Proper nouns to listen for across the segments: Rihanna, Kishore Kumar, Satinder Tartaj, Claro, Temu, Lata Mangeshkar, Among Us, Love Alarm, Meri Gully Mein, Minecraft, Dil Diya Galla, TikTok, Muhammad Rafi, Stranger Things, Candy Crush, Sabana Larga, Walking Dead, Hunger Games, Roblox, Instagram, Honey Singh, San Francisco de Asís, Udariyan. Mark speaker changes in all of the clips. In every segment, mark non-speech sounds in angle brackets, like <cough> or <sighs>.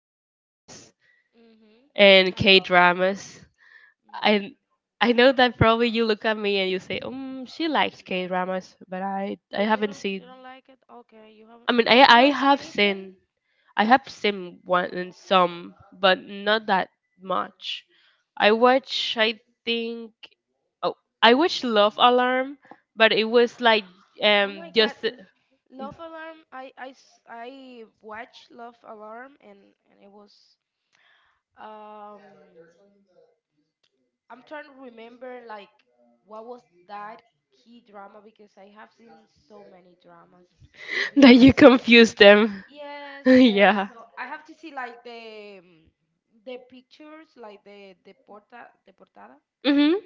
Speaker 1: war movies and
Speaker 2: I
Speaker 1: K
Speaker 2: love.
Speaker 1: dramas. I I know that probably you look at me and you say, "She likes K dramas," but I haven't seen. I mean, I
Speaker 2: You
Speaker 1: I
Speaker 2: haven't seen
Speaker 1: have
Speaker 2: anything?
Speaker 1: seen, I have seen one and some, but not that much. I watch. I think. Oh, I watched Love Alarm, but it was like just <laughs> that you confused them. <laughs> Yeah. Mhm.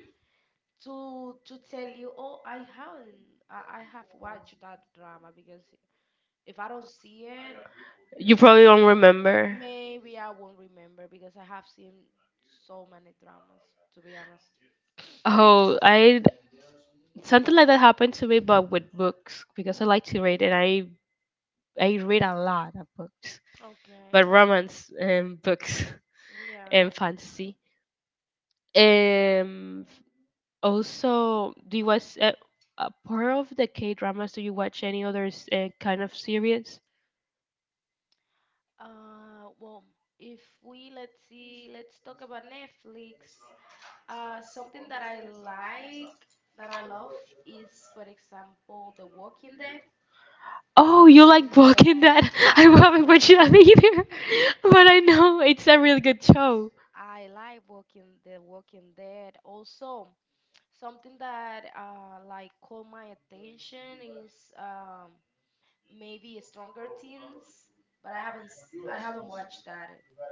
Speaker 1: You probably don't remember. Oh, I Something like that happened to me, but with books because I like to read and I read a lot of books, but romance and books <laughs> and fantasy. Um. Also, do you watch part of the K dramas? Do you watch any other kind of series? Oh, you like Walking Dead? <laughs> I haven't watched that either, <laughs> but I know it's a really good show.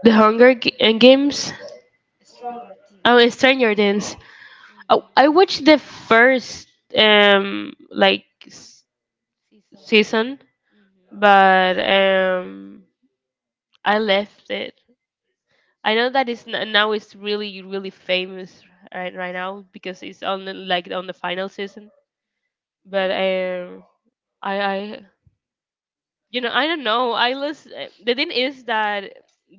Speaker 1: The Hunger Games. Oh, Stranger Things. Oh, I watched the first um like s- season, but I left it. I know that now it's really famous right now because it's on the, like on the final season. But I I I don't know. I was the thing is that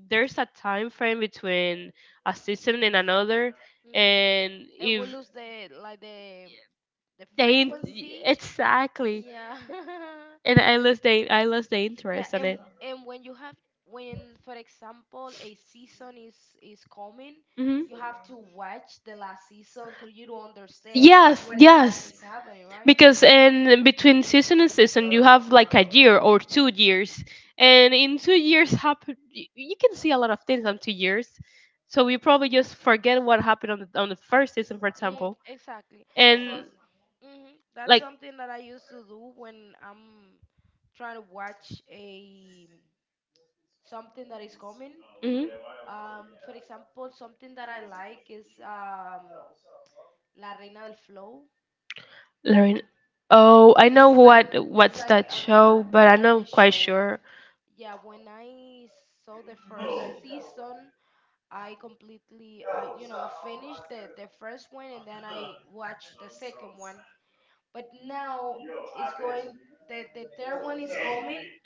Speaker 1: there's a time frame between a season and another, and if they, exactly, and I lost the interest on it. Hmm. Yes, yes. Because in between season and season, you have like a year or 2 years, and in 2 years, you can see a lot of things on 2 years. So we probably just forget what happened on the first season, for example, and like, mm, Lauren. Oh, I know what's that show, but I'm not quite sure.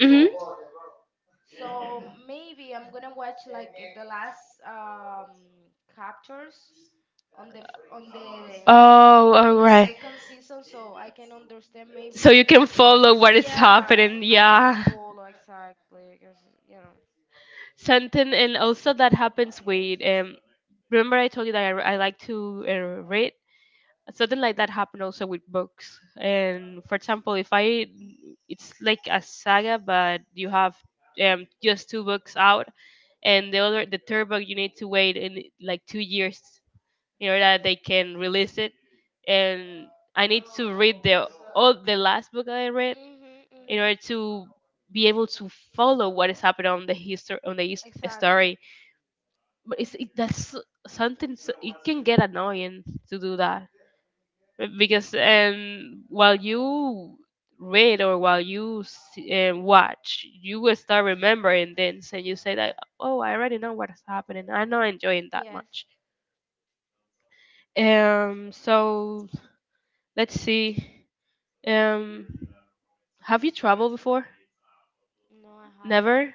Speaker 1: Mm-hmm. Oh, all right. So you can follow what is happening. Yeah. Something, and also that happens with Remember, I told you that I like to read. Something like that happened also with books. And for example, if I, it's like a saga, but you have just two books out, and the other, the third book, you need to wait in like 2 years in order that they can release it. And I need to read the all the last book that I read in order to be able to follow what is happening on the history on the his- story. But it's it, that's so, something so, it can get annoying to do that because while you read or while you watch you will start remembering things and you say that, oh, I already know what's happening, I'm not enjoying that much. So let's see. Um, have you traveled before? Never.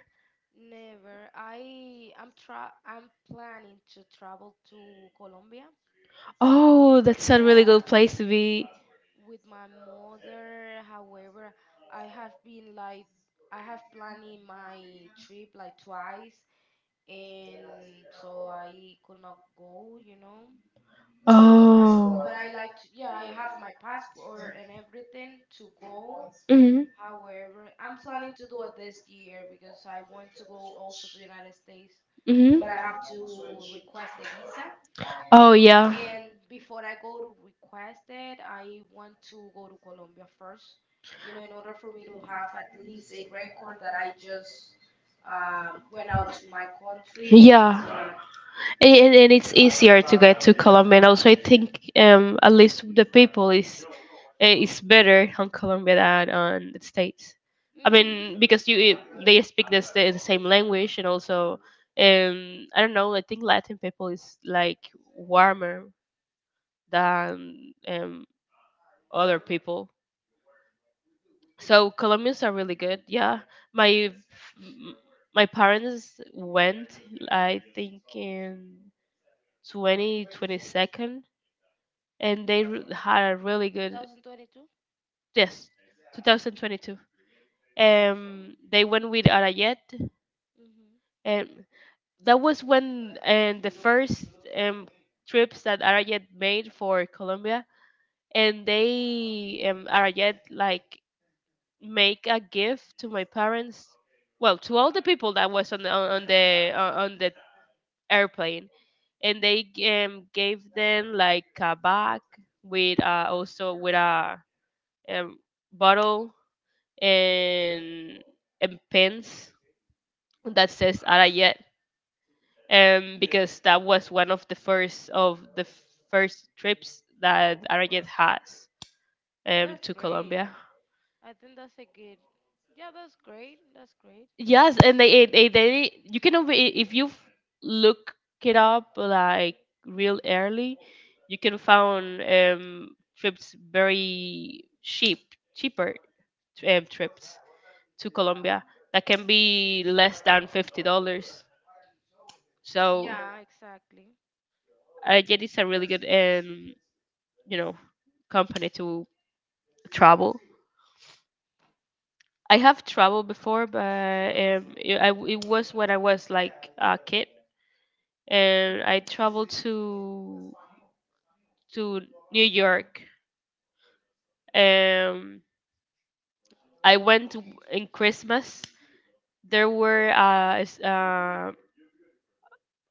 Speaker 1: Oh, that's a really
Speaker 2: Yeah.
Speaker 1: good place to be. Oh. Mhm. Mhm. Oh yeah. Yeah. And it's easier to get to Colombia. And also, I think at least the people is it's better on Colombia than on the States. I mean, because they speak the same language and also, I don't know. I think Latin people is like warmer than other people. So Colombians are really good. Yeah, my f- m- my parents went. I think in 2022, and they had a really good, yes, 2022. They went with Arayet, and that was when, and the first um trips that Arayet made for Colombia, and they, Arayet like make a gift to my parents, well to all the people that was on the on the airplane, and they gave them like a bag with also with a um bottle and and pens that says Arayet, because that was one of the first trips that Arayet has, to Colombia. Yes, and they you can if you look it up like real early, you can find trips very cheap, cheaper trips to Colombia that can be less than $50. So Arayet is a really good, you know company to. Trouble. I have trouble before, but it was when I was like a kid, and I traveled to to New York. Um, I went in Christmas. There were uh, s- uh,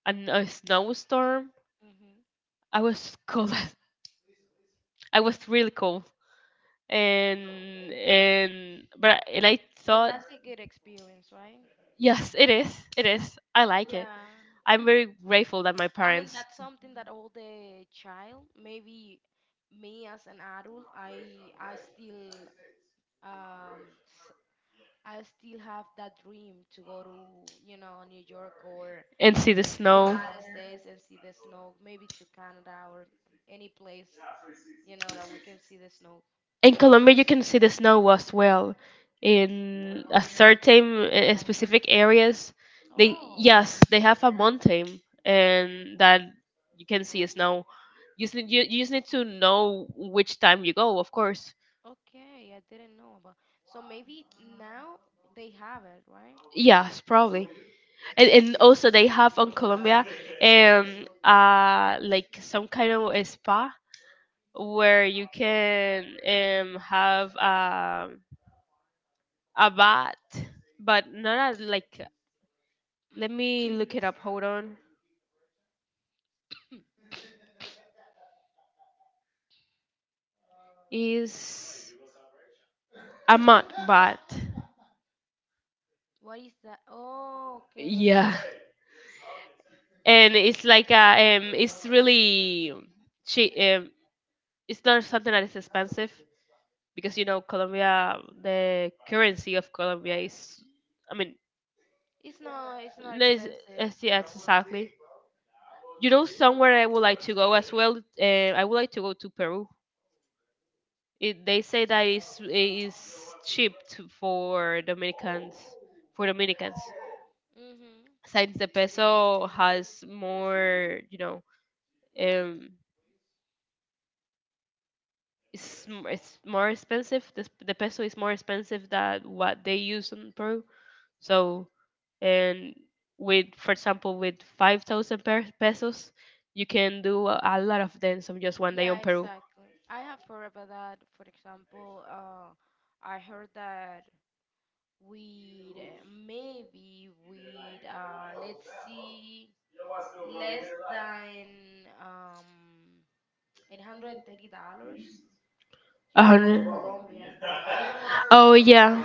Speaker 1: an, a snowstorm. I was cold. <laughs> I was really cold, and but and I thought, yes, it is. It is. I like it. I'm very grateful that my parents and see the snow. In Colombia, you can see the snow as well. In a certain specific areas, they, yes, they have a mountain and that you can see snow. You just need, you just need to know which time you go, of course. Yes, probably. And also they have on Colombia um like some kind of a spa where you can have a bat, but not a, like. Let me look it up. Hold on. Is a mud bat. Yeah, and it's like a. It's really cheap. It's not something that is expensive because you know Colombia. The currency of Colombia is. I mean, let's, let's see, that's exactly. You know, somewhere I would like to go as well. I would like to go to Peru. It, they say that it's cheap to, for Dominicans, for Dominicans since the peso has more, you know, um it's more expensive, the peso is more expensive than what they use in Peru, so, and with, for example, with 5,000 pesos you can do a lot of dance on just one day on Peru. 100. Oh yeah.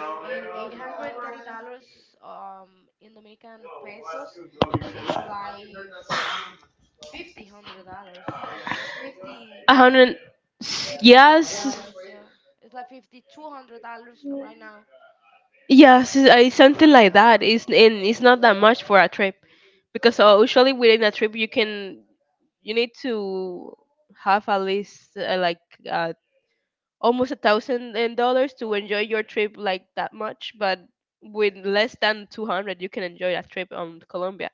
Speaker 1: 100, yes, yes, it's something like that. It's and it's not that much for a trip, because usually within a trip you can, you need to have at least uh, almost $1,000 and to enjoy your trip like that much. But with less than 200, you can enjoy a trip on Colombia.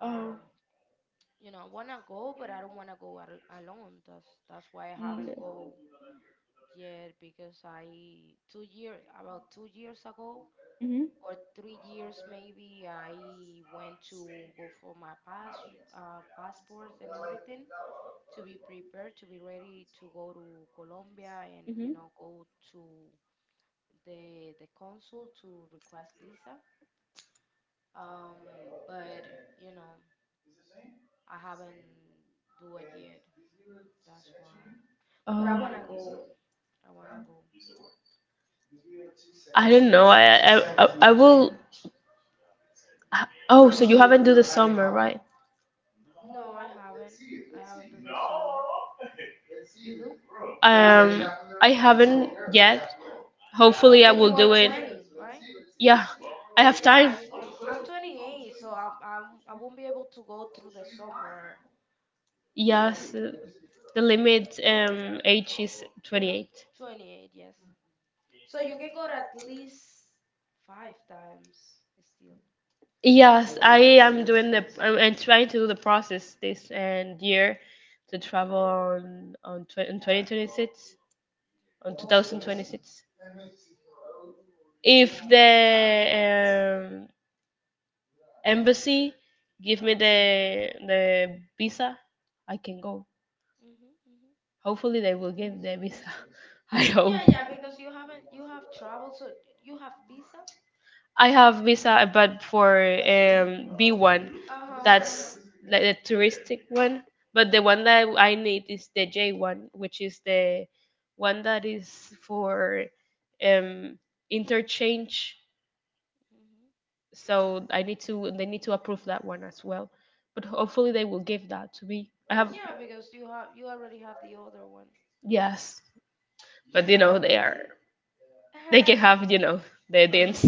Speaker 1: Oh. Mm-hmm. Mm-hmm. Oh. I don't know. I will. Oh, so you haven't do the summer, right? Um, I haven't yet. Hopefully, I will do it. Yeah, I have time. Yes, the limit age is 28. Yes, I am doing the. I'm trying to do the process this and year to travel in 2026, on 2026. If the um, embassy give me the visa, I can go. Hopefully, they will give the visa. <laughs> I hope. I have visa, but for B one, that's like the touristic one. But the one that I need is the J one, which is the one that is for um, interchange, so I need to, they need to approve that one as well. But hopefully they will give that to me. I have yes, but you know they are, they can have, you know, their dance.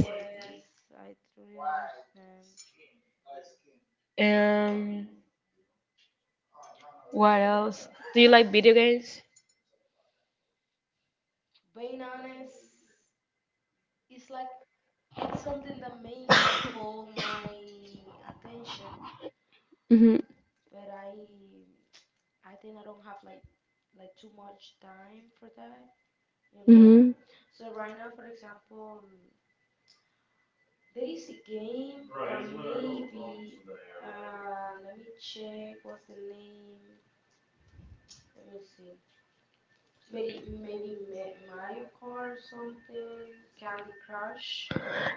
Speaker 1: Um, what else? Do you like video games? Mhm. Mhm.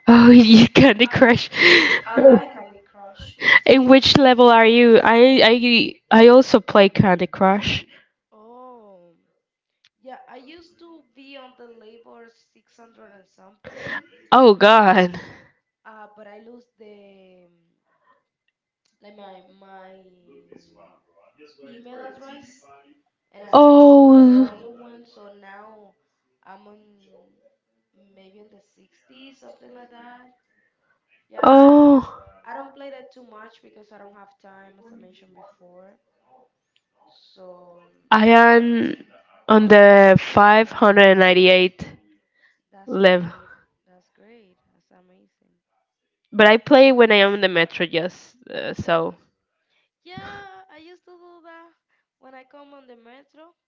Speaker 1: Oh, <laughs> you Candy Crush. In which level are you? I also play Candy Crush. Oh God. Oh, oh, I am on the 598 level, but I play when I am in the metro, just so.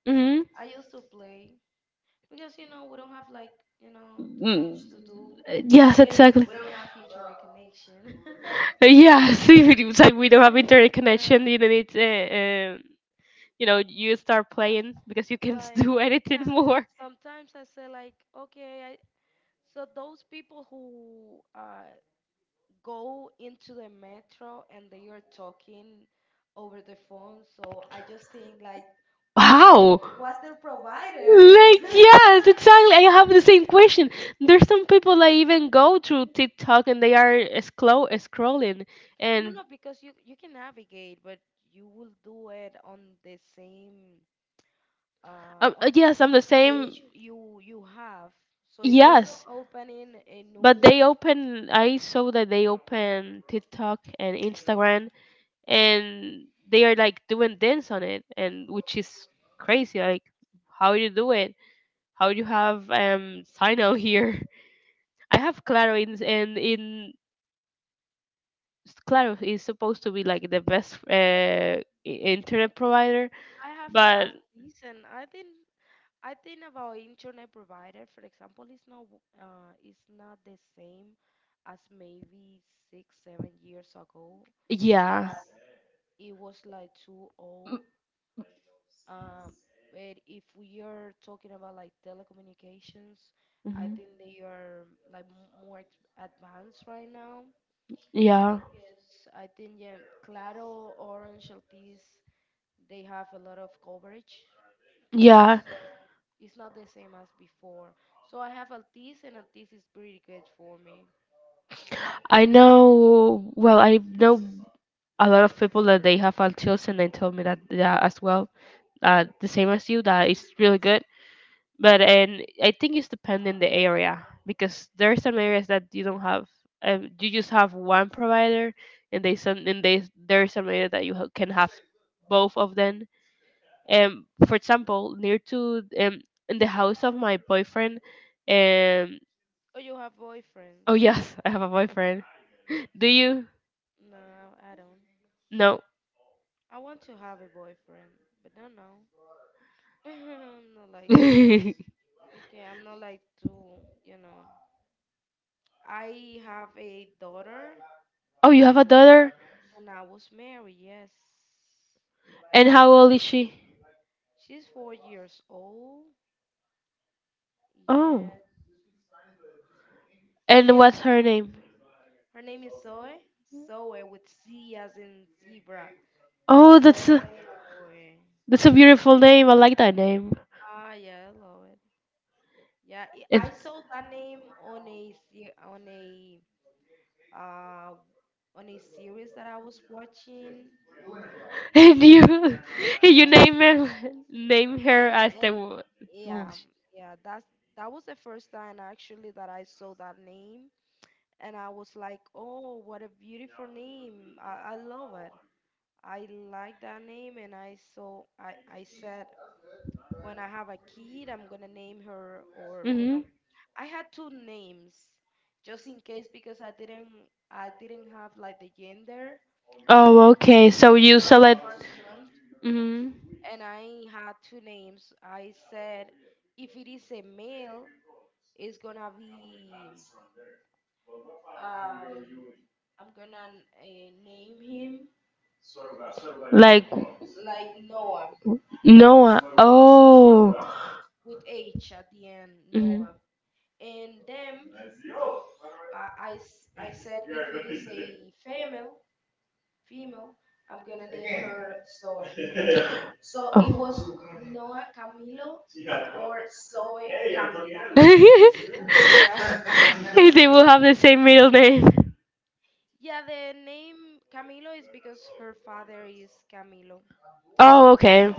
Speaker 1: Hmm. Mm, yes, exactly. Yes, <laughs> if it was like <laughs> we don't have internet connection, you don't need, you know, you start playing because you can <laughs> do anything more. How? Like yes, exactly. I have the same question. There's some people that even go through TikTok and they are scrolling, and yes, I'm the same. Yes, but they open. I saw that they open TikTok and Instagram, and they are like doing dance on it, and which is crazy. Like, how you do it? How you have sign out here? <laughs> I have Claro in Claro is supposed to be like the best internet provider, but yeah. Mhm. Yeah, yeah. I know. Well, I know a lot of people that they have autism, and they told me that, yeah, as well. The same as you, that it's really good. But and I think it's depending the area because there are some areas that you don't have. You just have one provider, and they, there are some areas that can have both of them. For example, near to in the house of my boyfriend, um oh <laughs> yes, I have a boyfriend. Do you? No. <laughs> Oh, you have a daughter, and how old is she? Oh, and what's her name? Oh, that's a, that's a beautiful name. I like that name. <laughs> And you name her as the, mm-hmm. Oh, okay. So you select, mm-hmm, like Noah. Oh. Mm-hmm. <laughs> They
Speaker 2: Yeah.
Speaker 1: will have the same middle name. Oh, okay.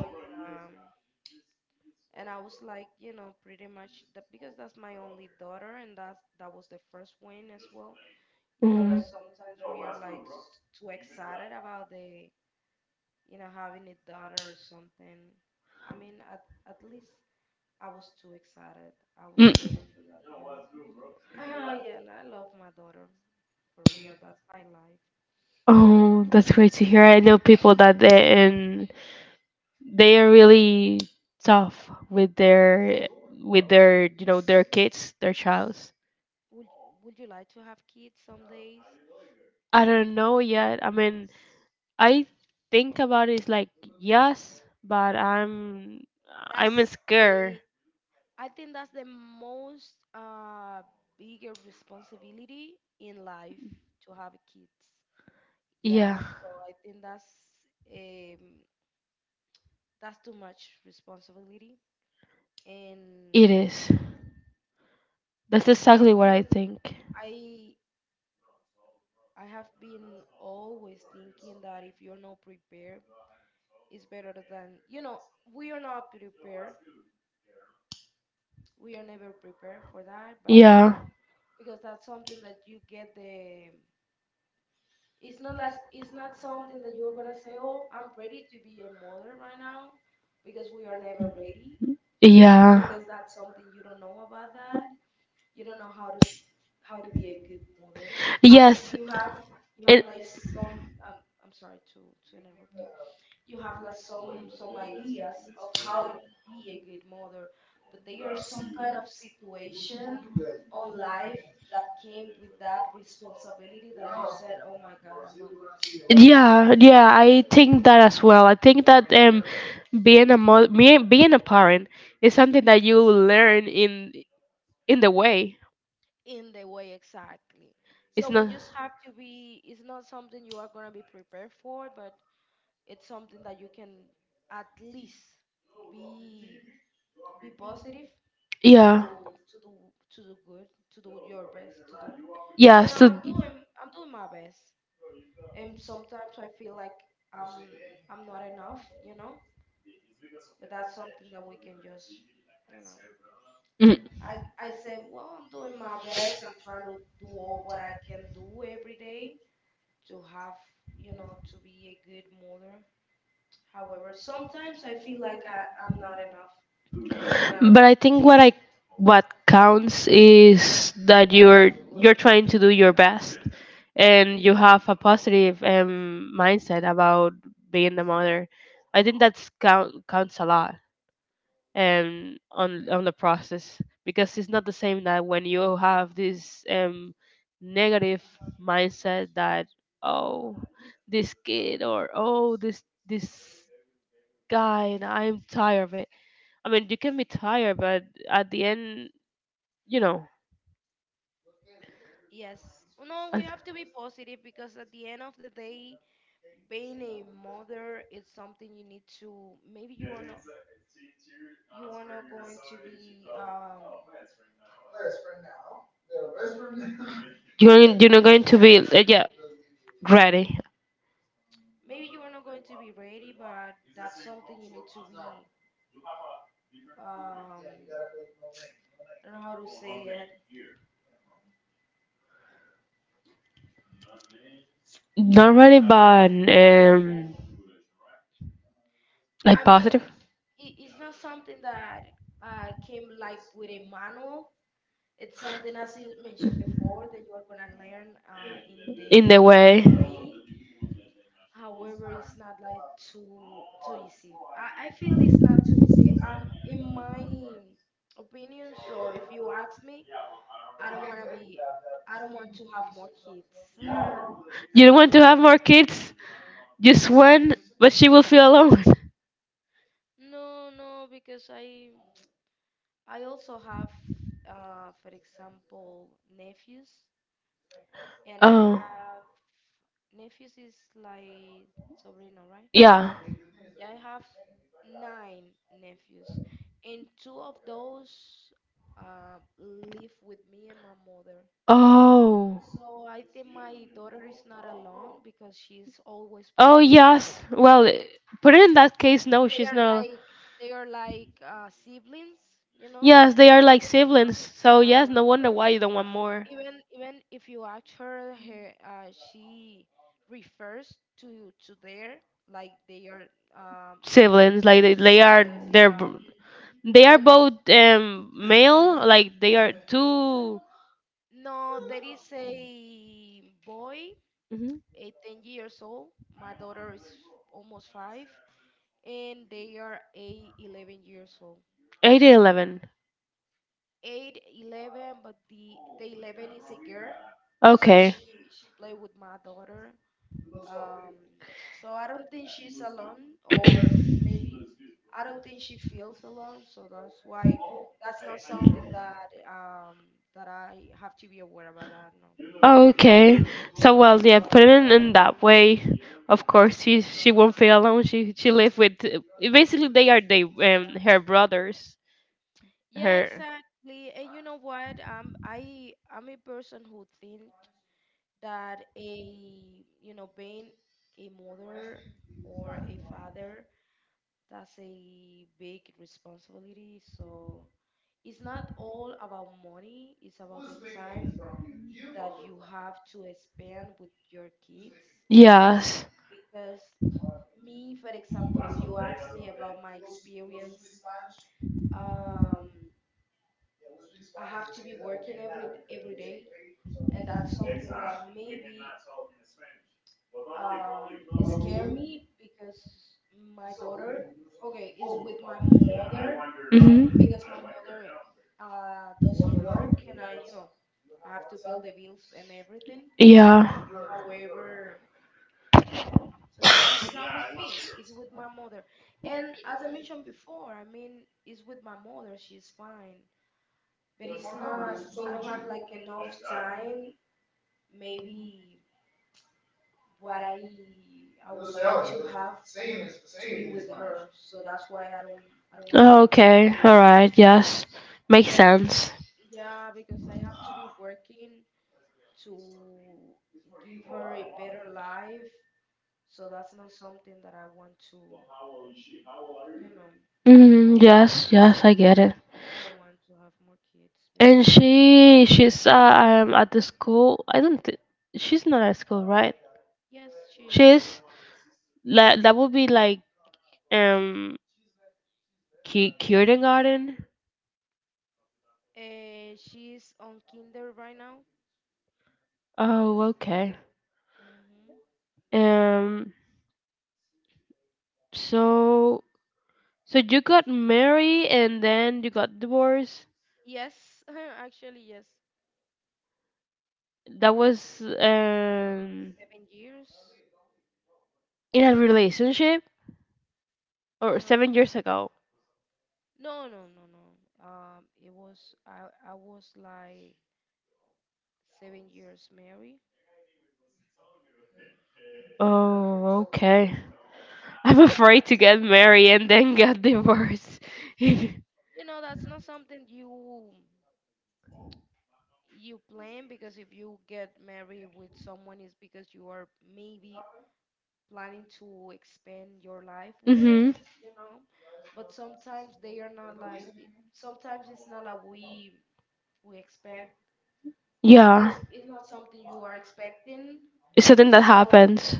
Speaker 1: Mhm. Mm. Oh, that's great to hear. I know people that they are really tough with their their kids, their childs. I don't know yet. I mean, I think about it like yes, but I'm scared. Yeah, it is. That's exactly what I think. Yeah. Yeah. Yes. It, yeah, yeah, I think that as well. I think that being a being a parent is something that you learn in the way. It's not, yeah. Yeah. So. Mhm. But I think what counts is that you're trying to do your best, and you have a positive mindset about being the mother. I think that's count counts a lot, on the process, because it's not the same that when you have this negative mindset that, oh, this kid, or oh, this guy, and I'm tired of it. I mean, you can be tired, but at the end, you know, I- you're not going to be ready. Not ready, but like positive in the way. You don't want to have more kids. Just one, but she will feel alone. <laughs> Oh, yeah. Oh, oh yes. Well, put it in that case. No, she's not. Yes, they are like siblings. So yes, no wonder why you don't want more siblings. Like they are they're b- both male. Like they are two, Mhm, 8 and 11. Okay. Okay. So well, yeah, put it in that way. Of course, she won't feel alone. She live with basically they are they her brothers. Her Yes. Hmm. Yeah. Okay. All right. Yes. Makes sense. Hmm. Yes. Yes. I get it. And she she's at the school. I don't. She's not at school, right? She's like that would be like um kindergarten. Oh, okay. Um. So so you got married and then you got divorced. That was in a relationship or 7 years ago. Oh, okay. I'm afraid to get married and then get divorced. <laughs> Mm-hmm. Yeah. It's something that happens.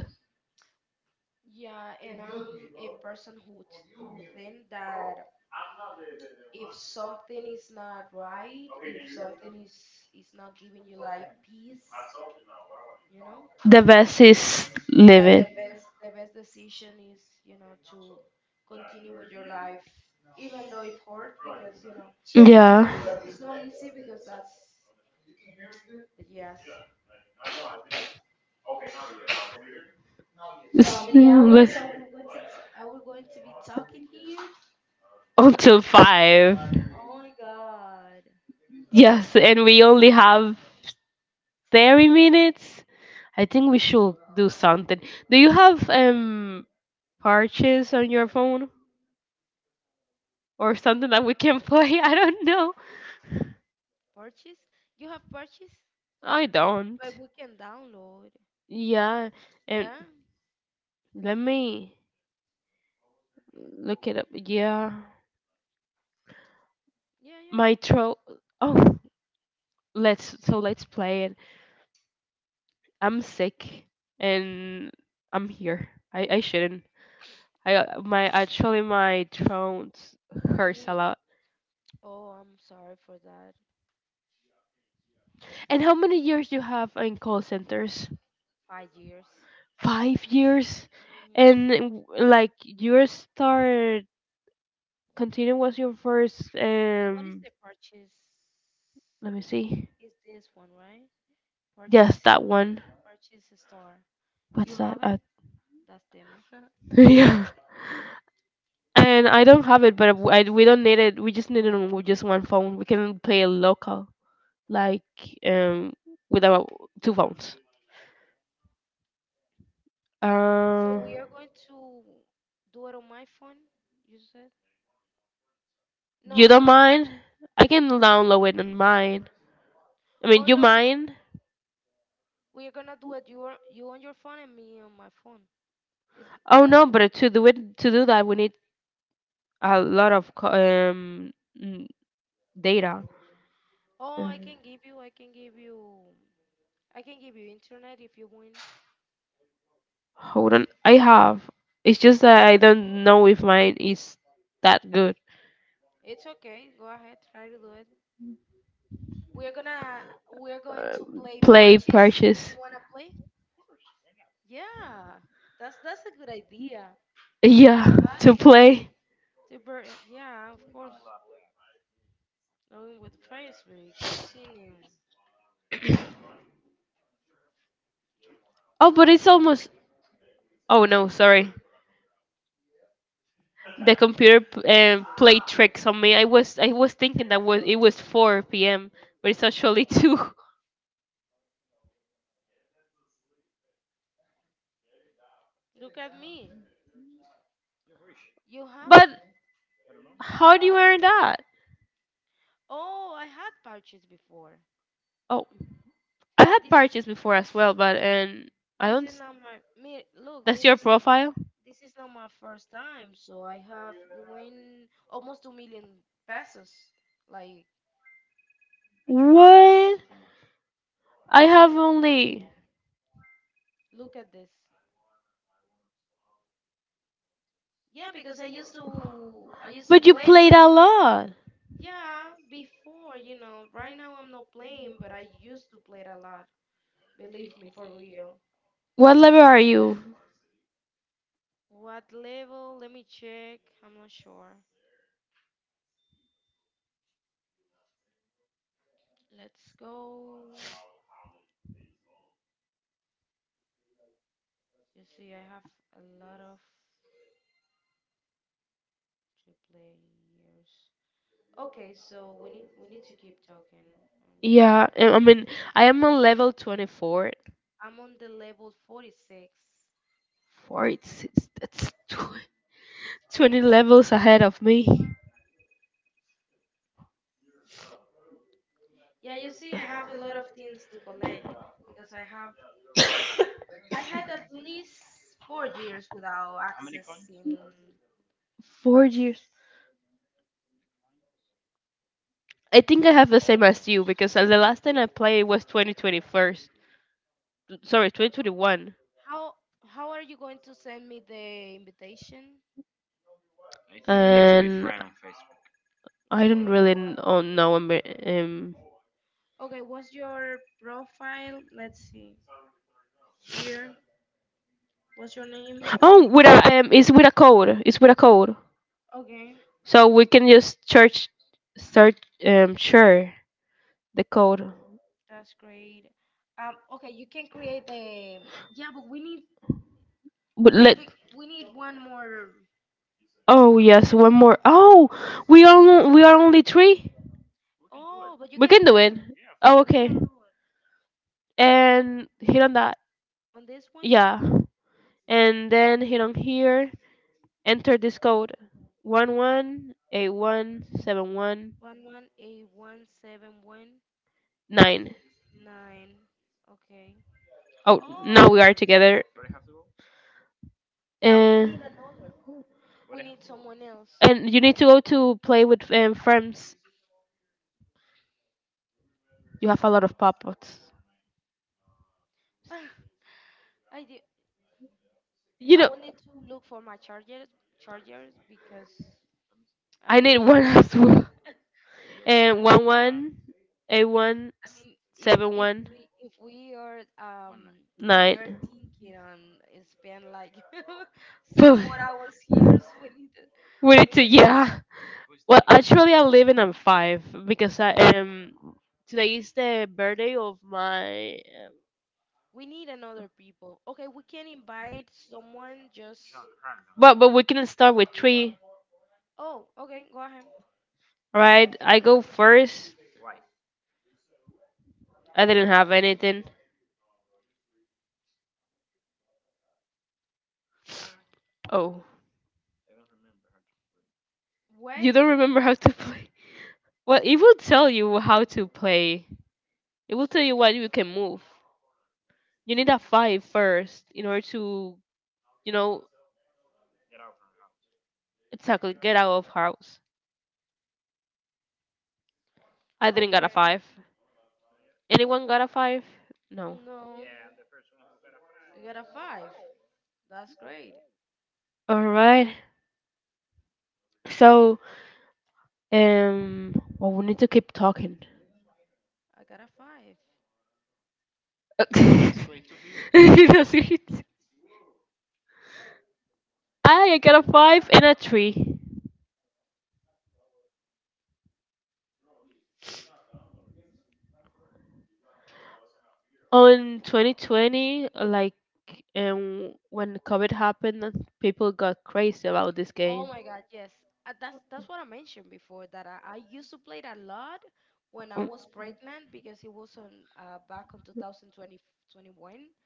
Speaker 1: The best is live it. Yeah. It's- but- until five. Yes, and we only have 30 minutes. I think we should do something. Do you have parches on your phone or something that we can play? <laughs> I don't know. I don't. Yeah, and let me look it up. Yeah, my throat. Oh, let's play it. I'm sick, and I'm here. I shouldn't. I my actually my throat hurts a lot. And how many years you have in call centers? 5 years, and like your start continuing was your first. Let me see. Yes, that one. What's that? <laughs> Yeah. And I don't have it, but we don't need it. We just need it on just one phone. We can play a local, like, um, with our two phones. Uh, you don't mind? I can download it on mine. I mean, you mind? Oh no, but to do that, we need a lot of mm, data. Um, Hold on, I have. It's just that I don't know if mine is that good. Uh, Play purchase. Yeah, to play. Oh, but it's almost. Oh no, sorry. The computer played tricks on me. I was thinking that was it was 4 p.m., but it's actually two. <laughs> But how do you earn that? Oh, I had purchased before as well, but and I don't. That's your profile? What? I have only. But you played a lot. What level are you? Yeah, I mean, I am on level 24. 46. That's 20 levels ahead of me. 4 years. I think I have the same as you because the last time I played was 2021st. Sorry, 2021. And I don't really know Oh, with a it's with a code. It's with a code, so we can just search, search share the code. But let. Oh yes, one more. Oh, we are only three. We do it. Oh, okay. And hit on that. Yeah. And then hit on here. Enter this code. 1181719. Oh, now, oh, we are together. And and you need to go to play with, friends. You have a lot of puppets. You know, I need one, <laughs> as well. And one one, a one, 71, nine. <laughs> But we need to, yeah. Well, actually, I live in a five because I am. Today is the birthday of my. But we can start with three, right? I go first. I didn't have anything. Oh, you don't remember how to <laughs> play? Well, it will tell you how to play. It will tell you what you can move. You need a five first in order to, you know, exactly get out of house. I didn't got a five. Anyone got a five? No. All right. So, um, well, we need to keep talking. <laughs> That's great. I got a five and a three. On 2020, like, when COVID happened and people got crazy about this game.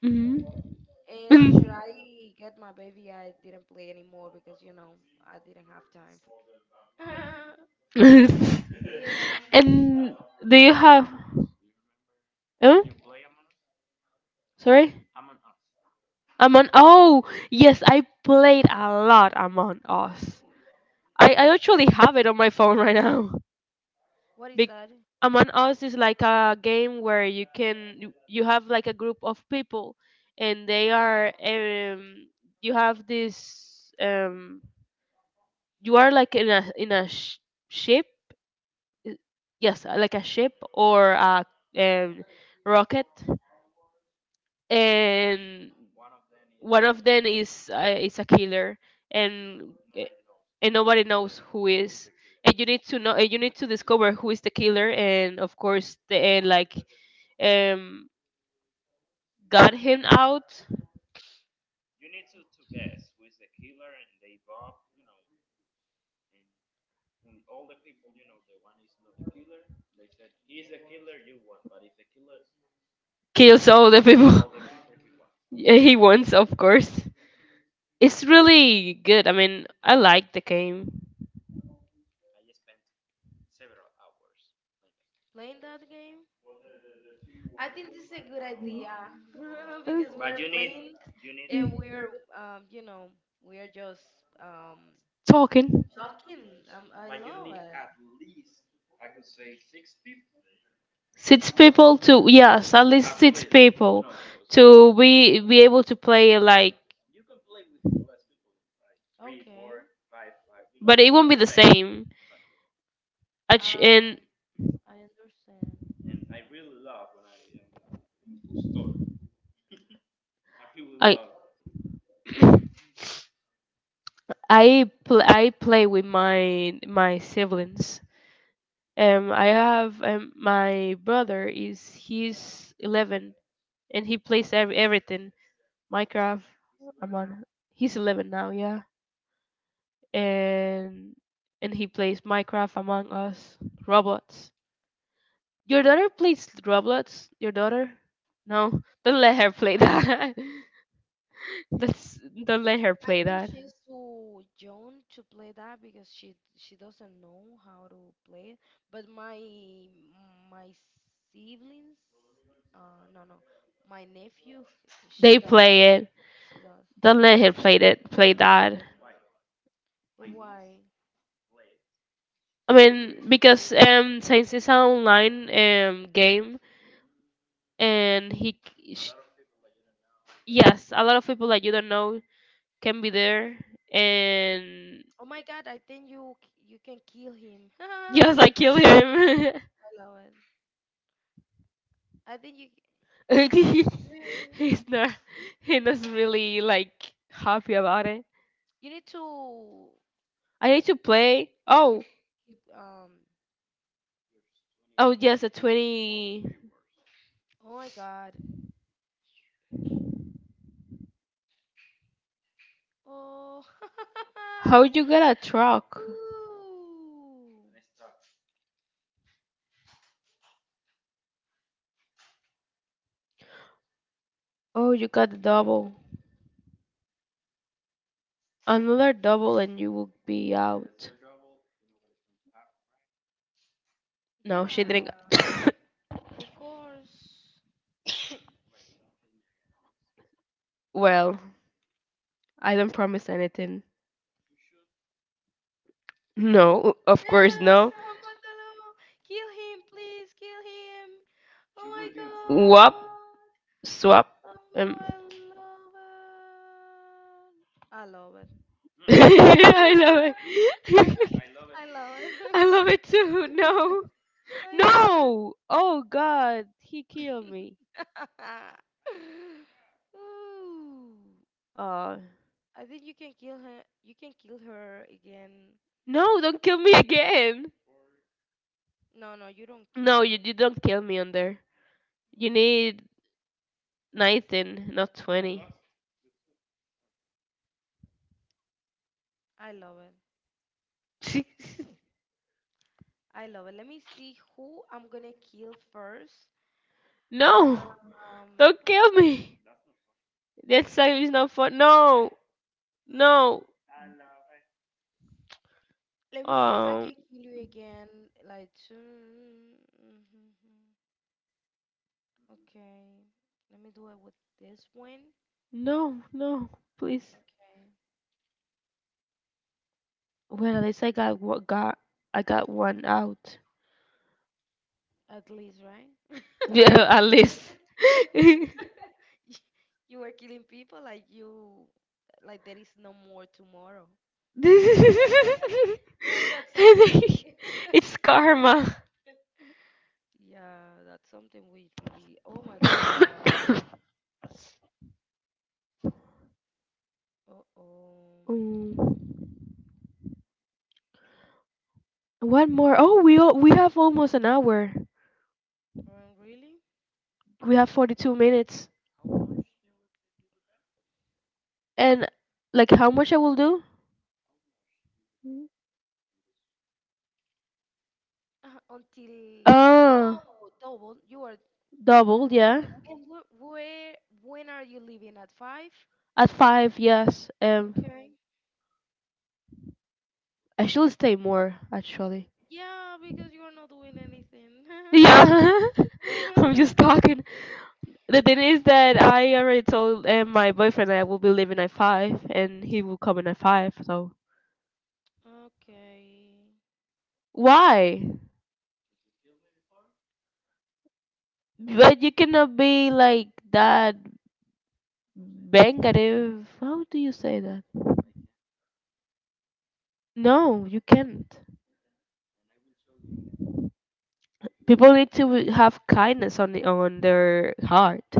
Speaker 1: Mhm. <laughs> And do you have, huh? Sorry, among, oh yes, I played a lot, Among Us. I actually have it on my phone right now. Big Among Us is like a game where you can you you have like a group of people, and they are, you have this, you are like in a ship. i- yes, like a ship or a, um, rocket. And one of them is a killer. And uh, and nobody knows who is, and you need to know, and you need to discover who is the killer. And of course, the and like, um, got him out, kills all the people. <laughs> Yeah, he wants, of course. It's really good. I mean, I like the game. Uh, Talking six people to, yes, at least six people to be able to play like, but it won't be the same. And I. <clears throat> I play with my siblings. I have, my brother is he's 11, and he plays everything. Minecraft. Among He's 11 now, yeah, and and he plays Minecraft, Among Us, Roblox. Your daughter plays Roblox. Your daughter? No, don't let her play that. <laughs> That's Don't let her play that. They play it. Don't let her play that. Play that. I mean, because, since it's an online game, and sh- yes, a lot of people that you don't know can be there, and <laughs> yes, I kill him. <laughs> He's not. He's not really like happy about it. I need to play. Oh, oh yes, a 20. How you got a truck? Oh, you got the double. Another double and you will be out. No, she didn't. <coughs> Well, I don't promise anything. No, of course no. Wop, swap. Um. <laughs> I love it. <laughs> I love it too. No, no. Oh God, he killed me. Uh, no, don't kill me again. No, you don't kill me on there. You need 19, not 20. <laughs> No. Don't kill me. That song is not fun. No, no, um, no, no, please. Well, at least I got one out. Yeah, at least. <laughs> I think it's karma. <coughs> Mm, One more. Oh, we have almost an hour. We have 42 minutes. And like, how much I will do? Uh, double, yeah. At five, yes. I should stay more actually. Yeah,
Speaker 2: <laughs>
Speaker 1: <laughs> I'm just talking. The thing is that I already told, my boyfriend I will be leaving at five, and he will come in at five. So why? But you cannot be like that bangative. How do you say that? No, you can't. People need to have kindness on on their heart,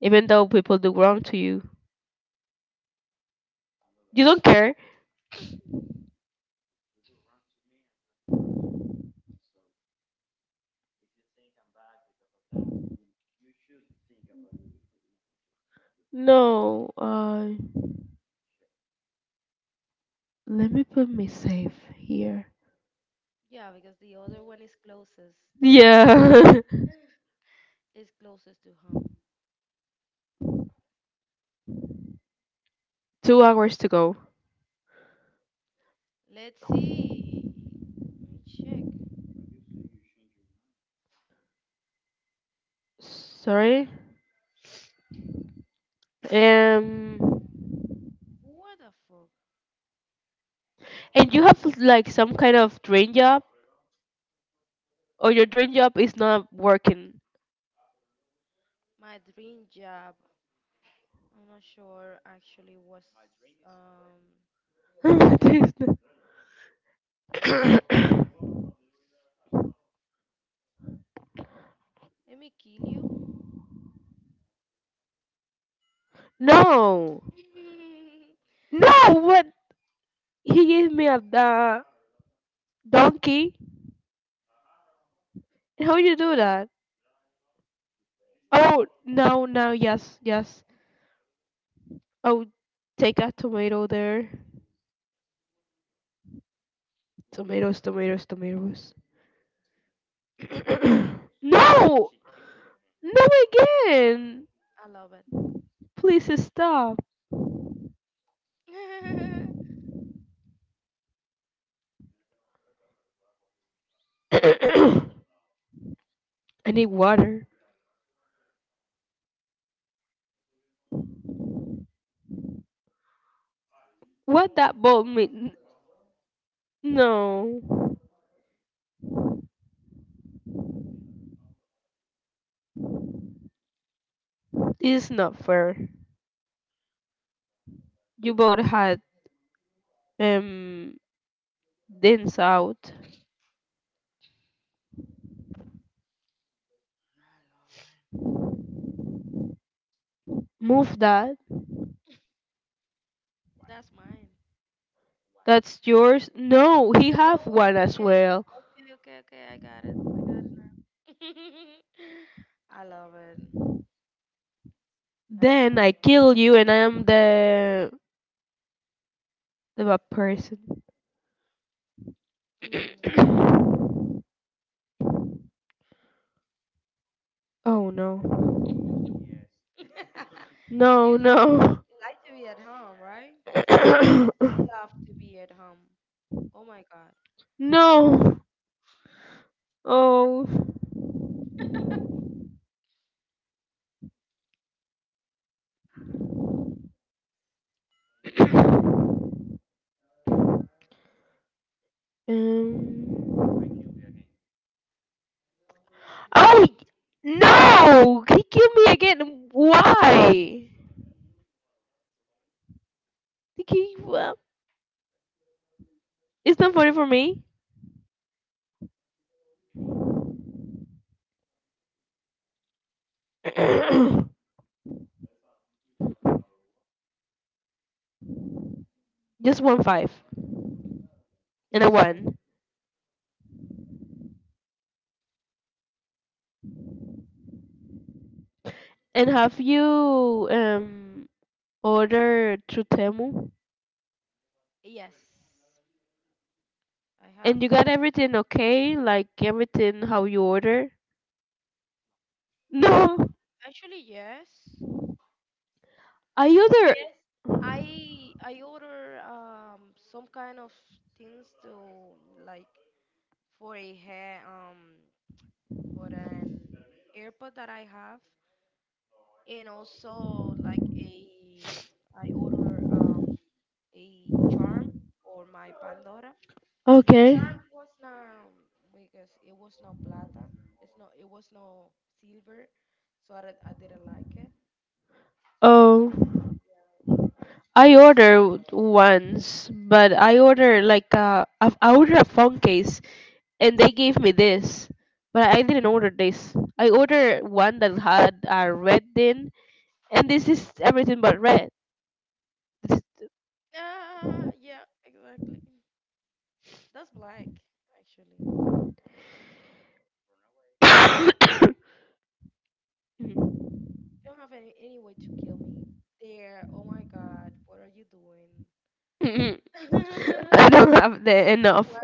Speaker 1: even though people do wrong to you. You don't care. No, let me put me safe here. Yeah. <laughs> 2 hours to go. Sorry. Um. And you have like some kind of dream job, or your dream job is not working. <laughs> This- <coughs> no. No. What? He gave me a, donkey. How you do that? Oh, no, no, yes, yes. Oh, take a tomato there. Tomatoes, tomatoes, tomatoes. <coughs> No. No again! Please stop. <coughs> I need water. What that boat mean? No, this is not fair. You both had um dents out. Move that. That's yours. No, he have one as well. Then I kill you, and I am the bad person. <coughs> Oh no. No, no. <coughs> No. Oh. Um. Oh no! He killed me again. Why? He gave up. It's not funny for me. <clears throat> Just one five and a one. And have you ordered through Temu? And you got everything okay? Like everything how you order? No, I order. Okay. Oh. I ordered once, but I ordered like a I ordered a phone case, and they gave me this, but I didn't order this. I ordered one that had a red in, and this is everything but red. This- <laughs> <coughs> I don't have the enough.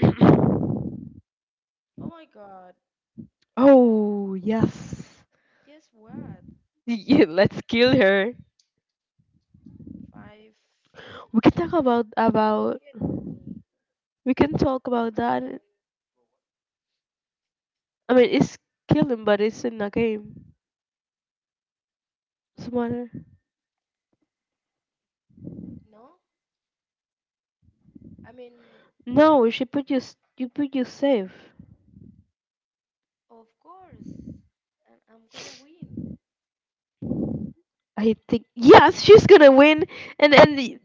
Speaker 1: <coughs> Oh yes, <laughs> yeah, let's kill her. We can talk about we can talk about that. I mean, it's killing, but it's in a game. Smarter. No, she put you. S- You put you safe. I think yes, she's gonna win. And and the-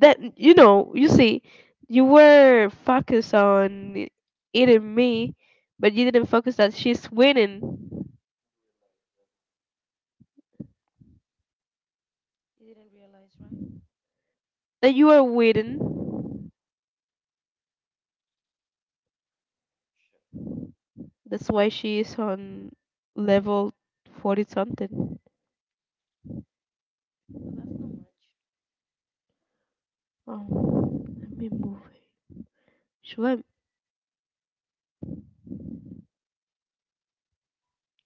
Speaker 1: you see, you were focused on eating me, but you didn't focus that she's winning. That you are winning. That's why she is on level 40 something. Oh, let me move. It. Should I?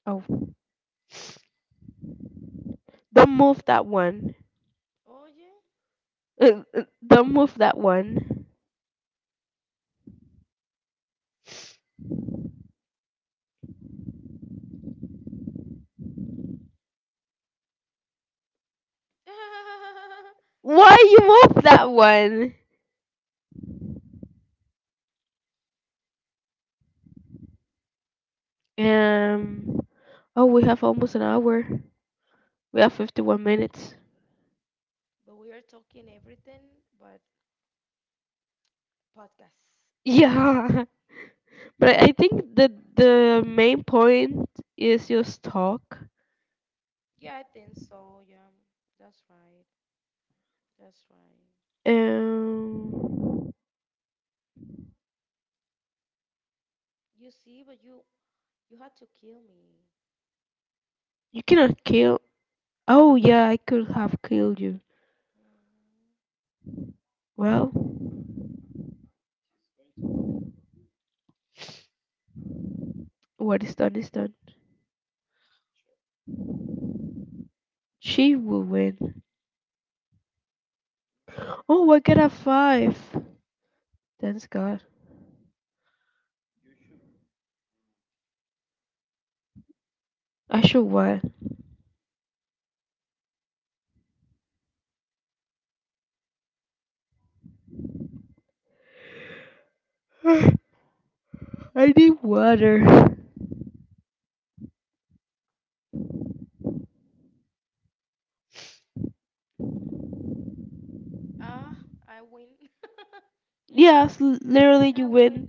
Speaker 1: Oh, don't move that one. Don't move that one.
Speaker 2: <laughs>
Speaker 1: Why you move that one? Um. Oh, we have almost an hour. We have 51 minutes. Yeah, <laughs> but I think the main point is just talk. Um, you cannot kill. Oh yeah, I could have killed you. Well, what is done is done. She will win. Oh, I get a five. Thanks God. I should what? <sighs> I need water. Yes, l- literally you win.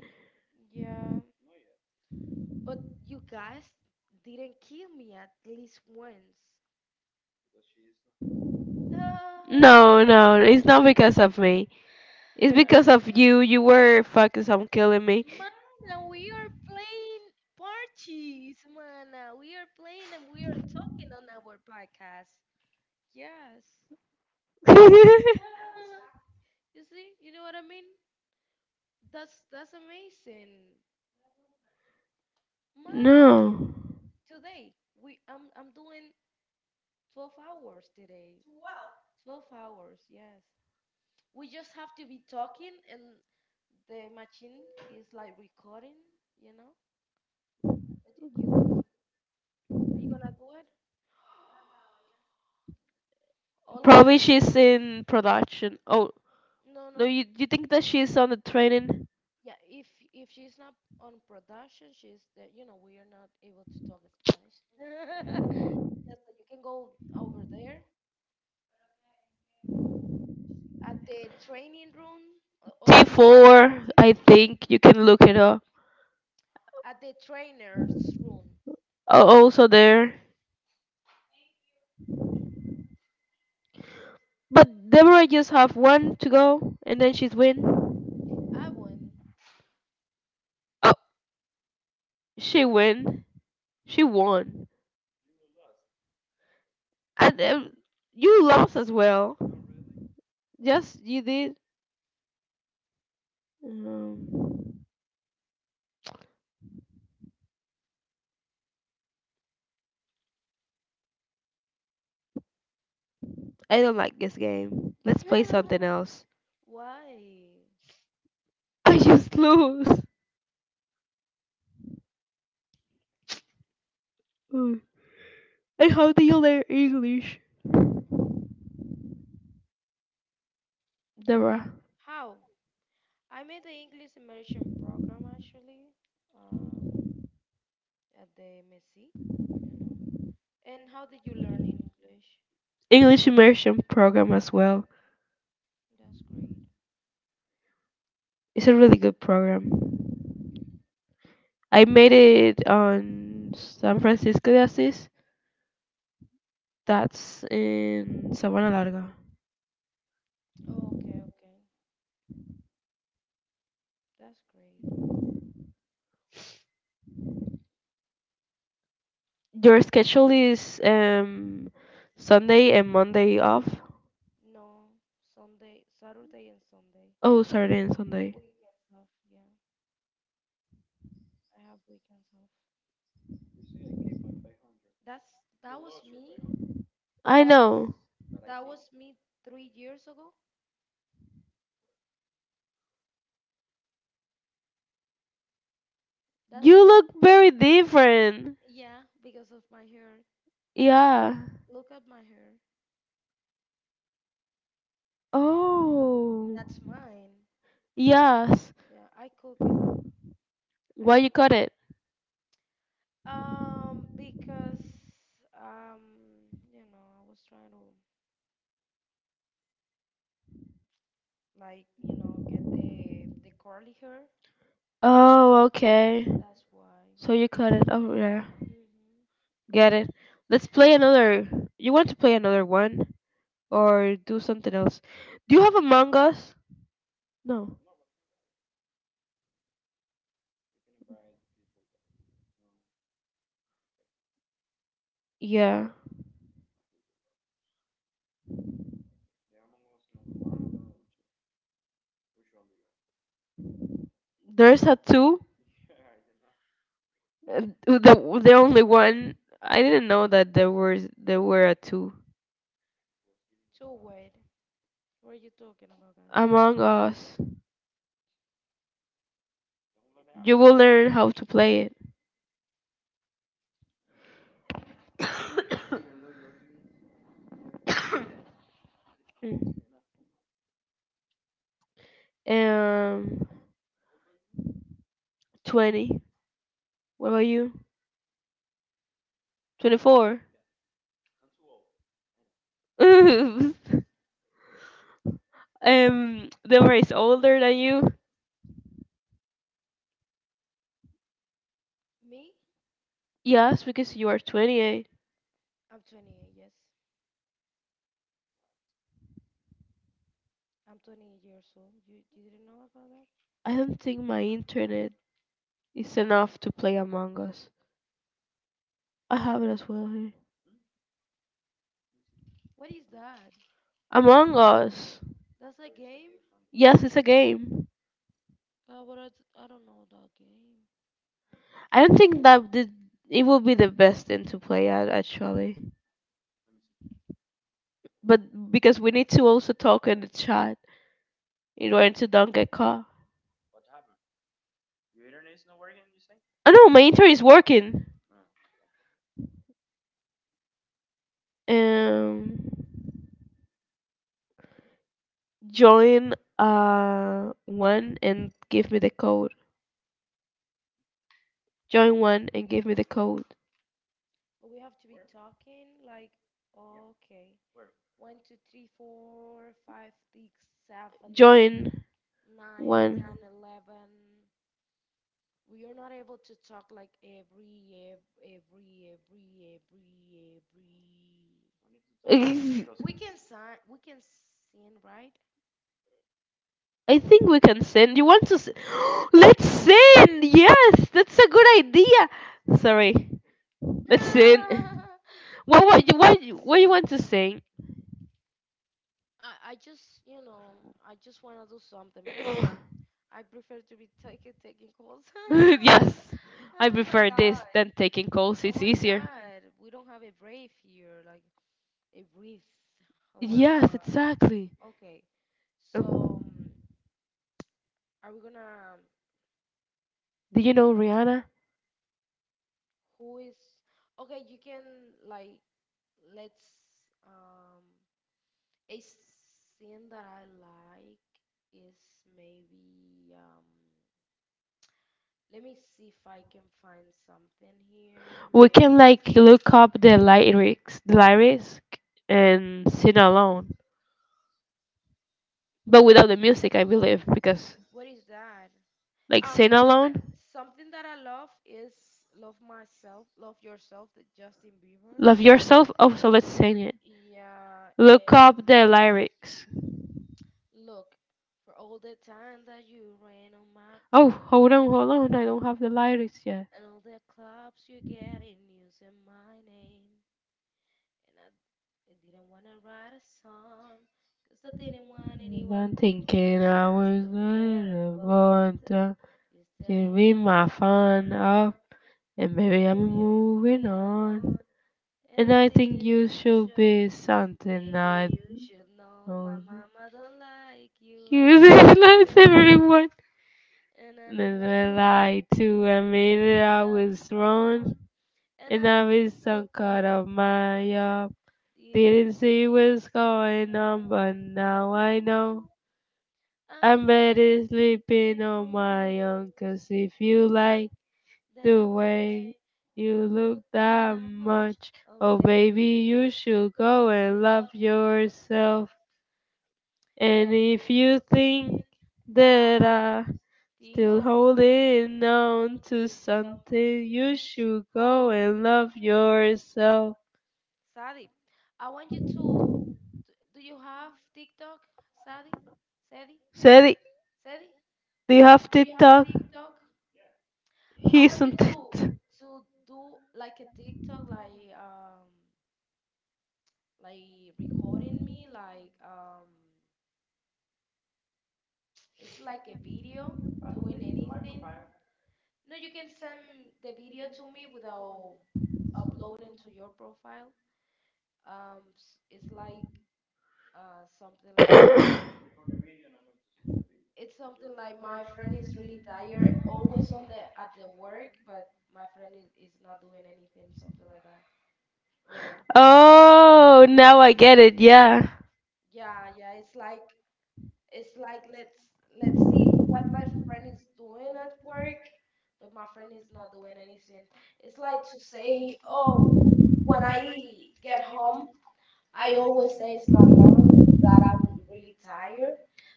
Speaker 1: No, no, it's not because of me. It's because of you. You were focused on killing me. <laughs> No. Probably she's in production. Oh, no, you think that she's on the training? T4, I think. You can look it up. Oh, also there. But Deborah just have one to go, and then she's win. Oh, she win. She won. And you lost as well. Yes, you did. Um, I don't like this game. Let's play something else. <laughs> I just lose. Mm. And how do you learn English? Deborah. English immersion program as well. It's a really good program. I made it on San Francisco de Asís. That's in Sabana Larga. Your schedule is Sunday and Monday off. Oh, Saturday and Sunday. I know. You look very different. Yeah. Oh. Yes. Why you cut it? Oh, okay. So you cut it. Oh, yeah. Get it. Let's play another. You want to play another one or do something else? Do you have Among Us? No. Yeah. There's a two. The only one. I didn't know that there were a two. Among Us. You will learn how to play it. Mm. Um, 20. What about you? 24. <laughs> um, the one is older than you? Yes, because you are 28. I don't think my internet is enough to play Among Us. I have it as well here. Among Us. Yes, it's a game. I don't think that it will be the best thing to play at actually, but because we need to also talk in the chat in order to don't get caught. Oh no, my internet is working. Um. Join one and give me the code. Join one and give me the code. Join one. <laughs> Ex- I think we can send. You want to? S- <gasps> Let's send. Yes, that's a good idea. Sorry. Let's send. What you want to sing? <laughs> Yes, I prefer this than taking calls. It's easier. Yes, exactly. Um, do you know Rihanna? We can like look up the lyrics, and sing along, but without the music, I believe, because like sing along, love yourself. Oh, so let's sing it. Look up the lyrics. Oh, hold on, hold on. I don't have the lyrics yet. I'm thinking I was yeah, born to to give my fun up, and maybe I'm moving on. And I think you should be something I you should. My know. You <laughs> realize everyone. And then I lied to admit that I was wrong, and I was so so caught caught up up my my up. Didn't see what's going on, but now I know. I'm better sleeping on my own 'cause if you like the way you look
Speaker 2: I
Speaker 1: that much, oh baby, you should go and love yourself. And if you think that I'm still holding on to something, you should go and love yourself. Sally, do you have TikTok? He's on TikTok. Oh, now I get it. Yeah.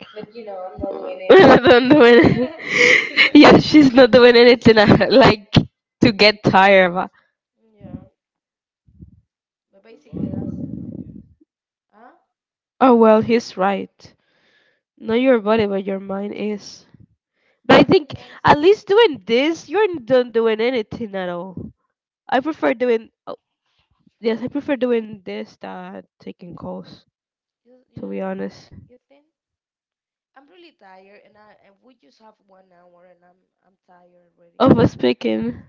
Speaker 1: <laughs> I'm not doing it. <laughs> Yeah, she's not doing anything <laughs> like to get tired. But, oh well, he's right. Not your body, but your mind is. But I think at least doing this, you're not doing anything at all. I prefer doing. Oh, yes, I prefer doing this than taking calls. To be honest, of us speaking.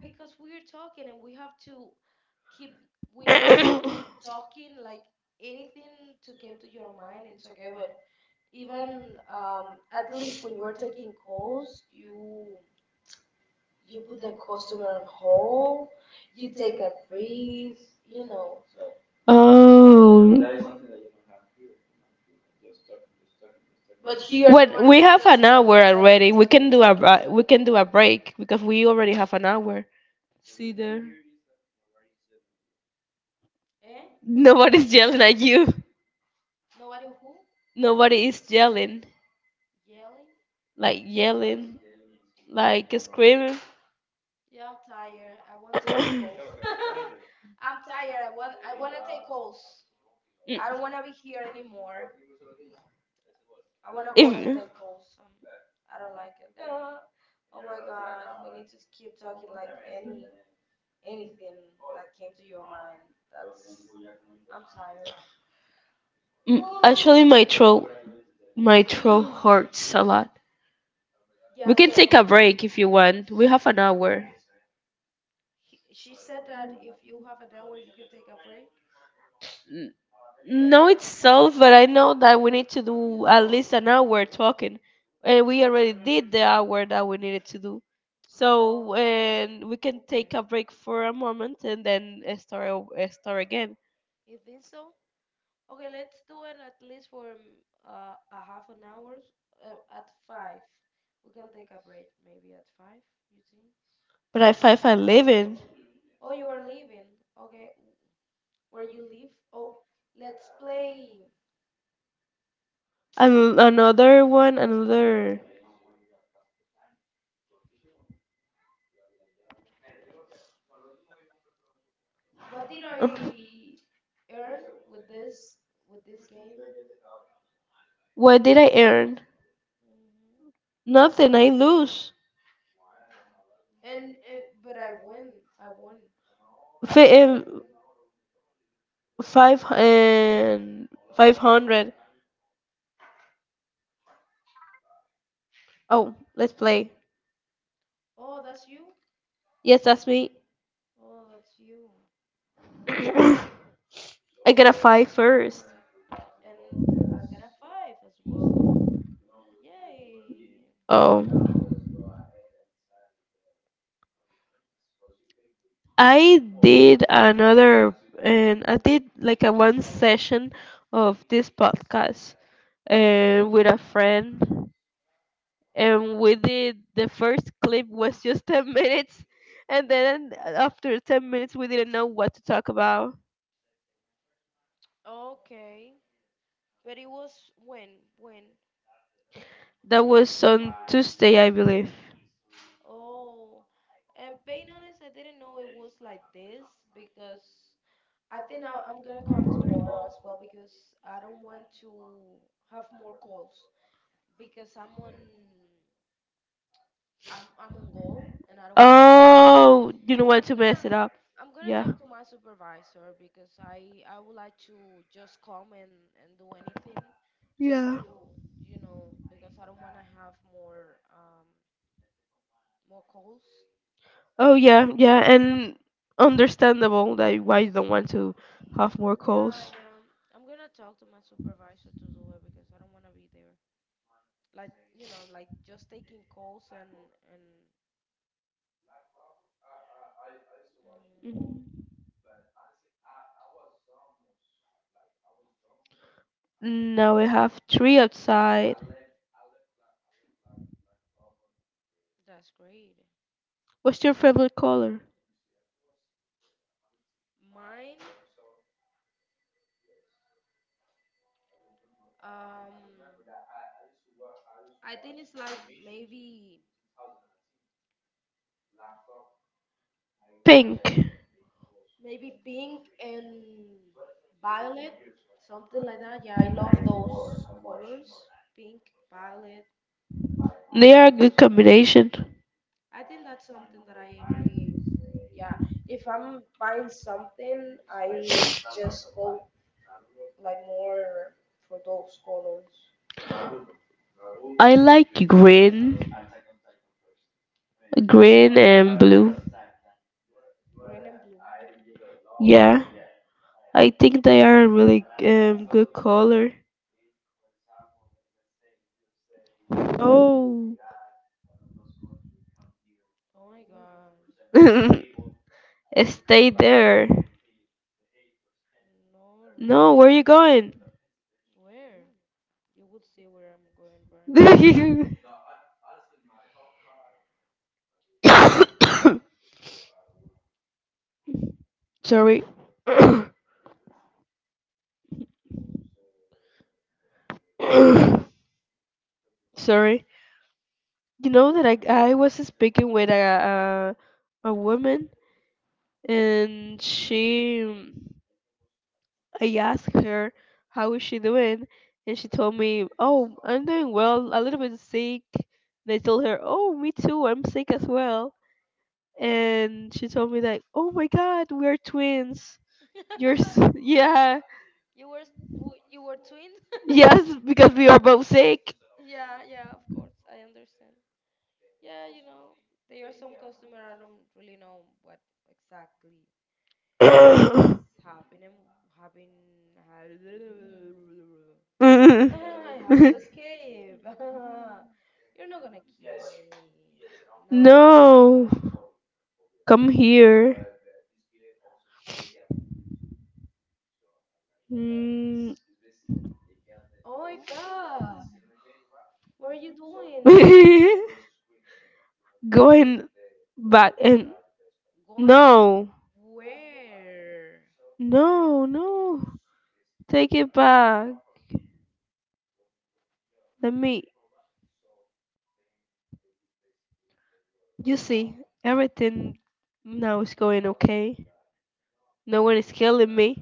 Speaker 1: Oh. When we have an hour already, we can do a bra- we can do a break because we already have an hour. See there. Nobody's yelling at you. Nobody is yelling, like screaming. Mm. If- Mm, actually, my throat hurts a lot. We can take a break if you want. We have an hour. N- No itself, but I know that we need to do at least an hour talking, and we already did the hour that we needed to do. So and we can take a break for a moment and then start o- start again. But I find I living. And another one, another. Uh, What did I earn? Nothing. I lose. Fi- 5 and 500. Oh, let's play. Yes, that's me. <coughs> I got a five first. Oh, I did another, and I did like a 1 session of this podcast, and with a friend, and we did the first clip was just <laughs> 10 minutes, and then after 10 minutes we didn't know what to talk about. That was on Tuesday, I believe. Oh, you don't want to mess it up. Yeah. Yeah. Oh yeah, yeah, and understandable that why you don't want to have more calls. Mhm. Now we have 3 outside. What's your favorite color? Pink. They are a good combination. I like green and blue. Yeah, I think they are a really good color. Oh, <laughs> stay there. No, where are you going? <laughs> Sorry. <coughs> <coughs> Sorry. You know that I was speaking with a woman and she I asked her how is she doing and she told me, "Oh, I'm doing well, a little bit sick." And I told her, "Oh, me too. I'm sick as well." And she told me like, "Oh my god, we're twins." You're s- <laughs> yeah. Yes, because we are both sick. <coughs> <laughs> <laughs> No, come here. Mm. <laughs> Going back and no, no, no. Take it back. Let me. You see, everything now is going okay. No one is killing me.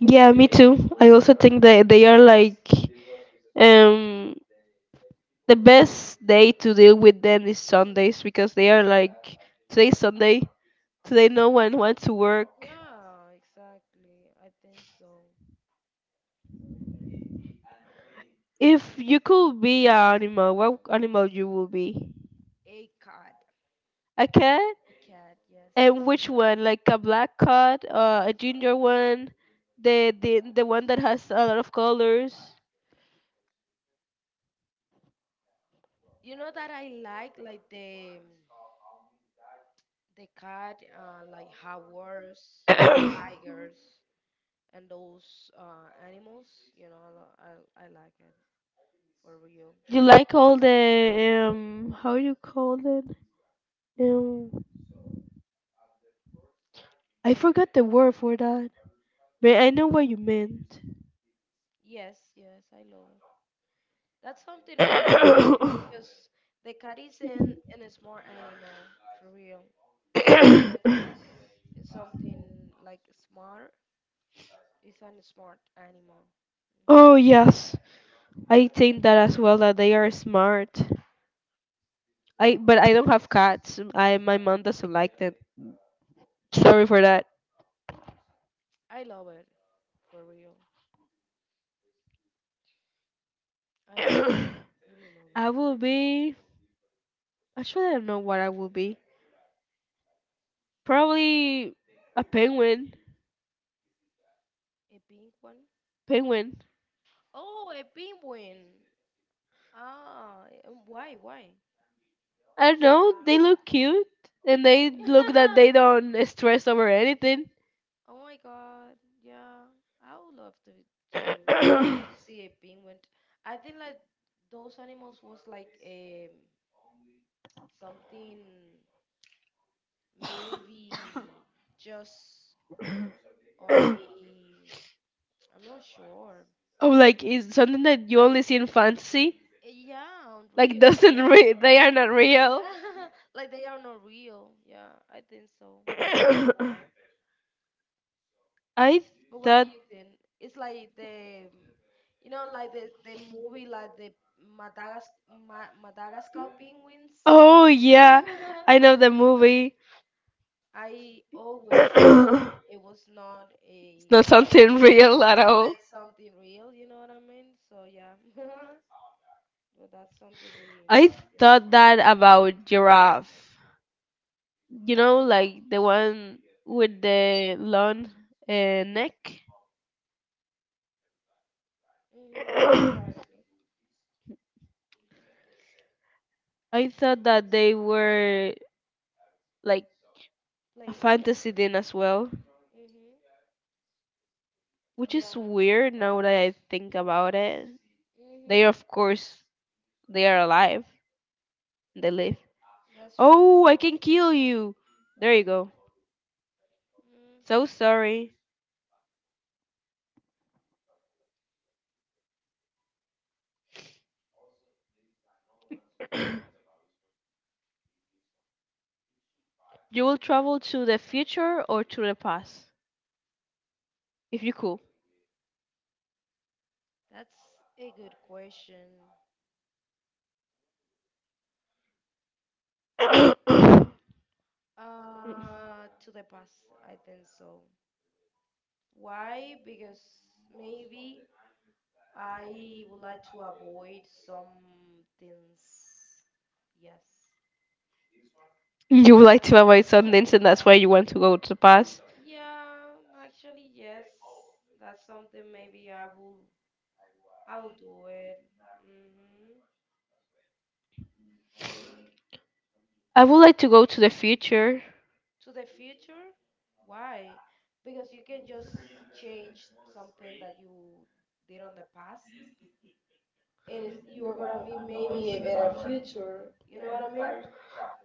Speaker 1: Yeah, me too. I also think that they are like um the best day to deal with them is Sundays because they are like today's Sunday, today no one wants to work. If you could be an animal, what animal you will be? A cat? And which one? Like a black cat, a ginger one, the one that has a lot of colors. You like all the how you call it? Um I forgot the word for that. But I know what you meant. <coughs> Oh yes. I think that as well that they are smart. I but I don't have cats. I my mom doesn't like them. Sorry for that. <coughs> I will be actually I don't know what I will be. Probably a penguin. Penguin. I don't know. They look cute and they look that they don't stress over anything. <coughs> Oh, like it's something that you only see in fantasy. Like doesn't re- they are not real. <coughs> I thought. Oh yeah, I know the movie. <coughs> It's not something real at all. I thought that about giraffe. You know, like the one with the long neck. <coughs> I thought that they were like a fantasy thing as well, which is weird now that I think about it. They are, of course, they are alive. They live. Oh, I can kill you. There you go. So sorry. <clears throat> You will travel to the future or to the past, if you could. You would like to avoid Sundance, and that's why you want to go to the past. I would like to go to the future.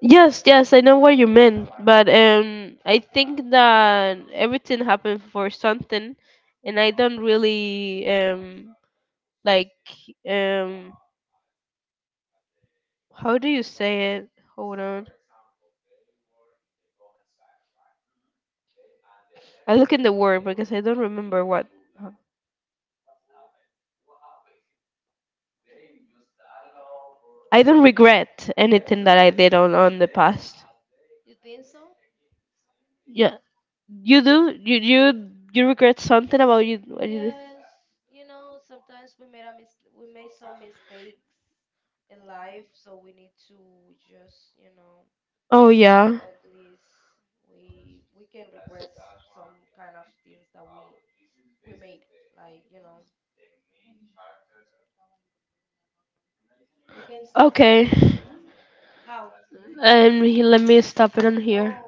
Speaker 1: Yes, yes, I know what you meant, but I think that everything happened for something, and I don't really like um how do you say it? Hold on. I look in the word because I don't remember what. I don't regret anything that I did on the past. Yeah, you do. You regret something about you what you did? Oh yeah. Okay. And he, let me stop it on here.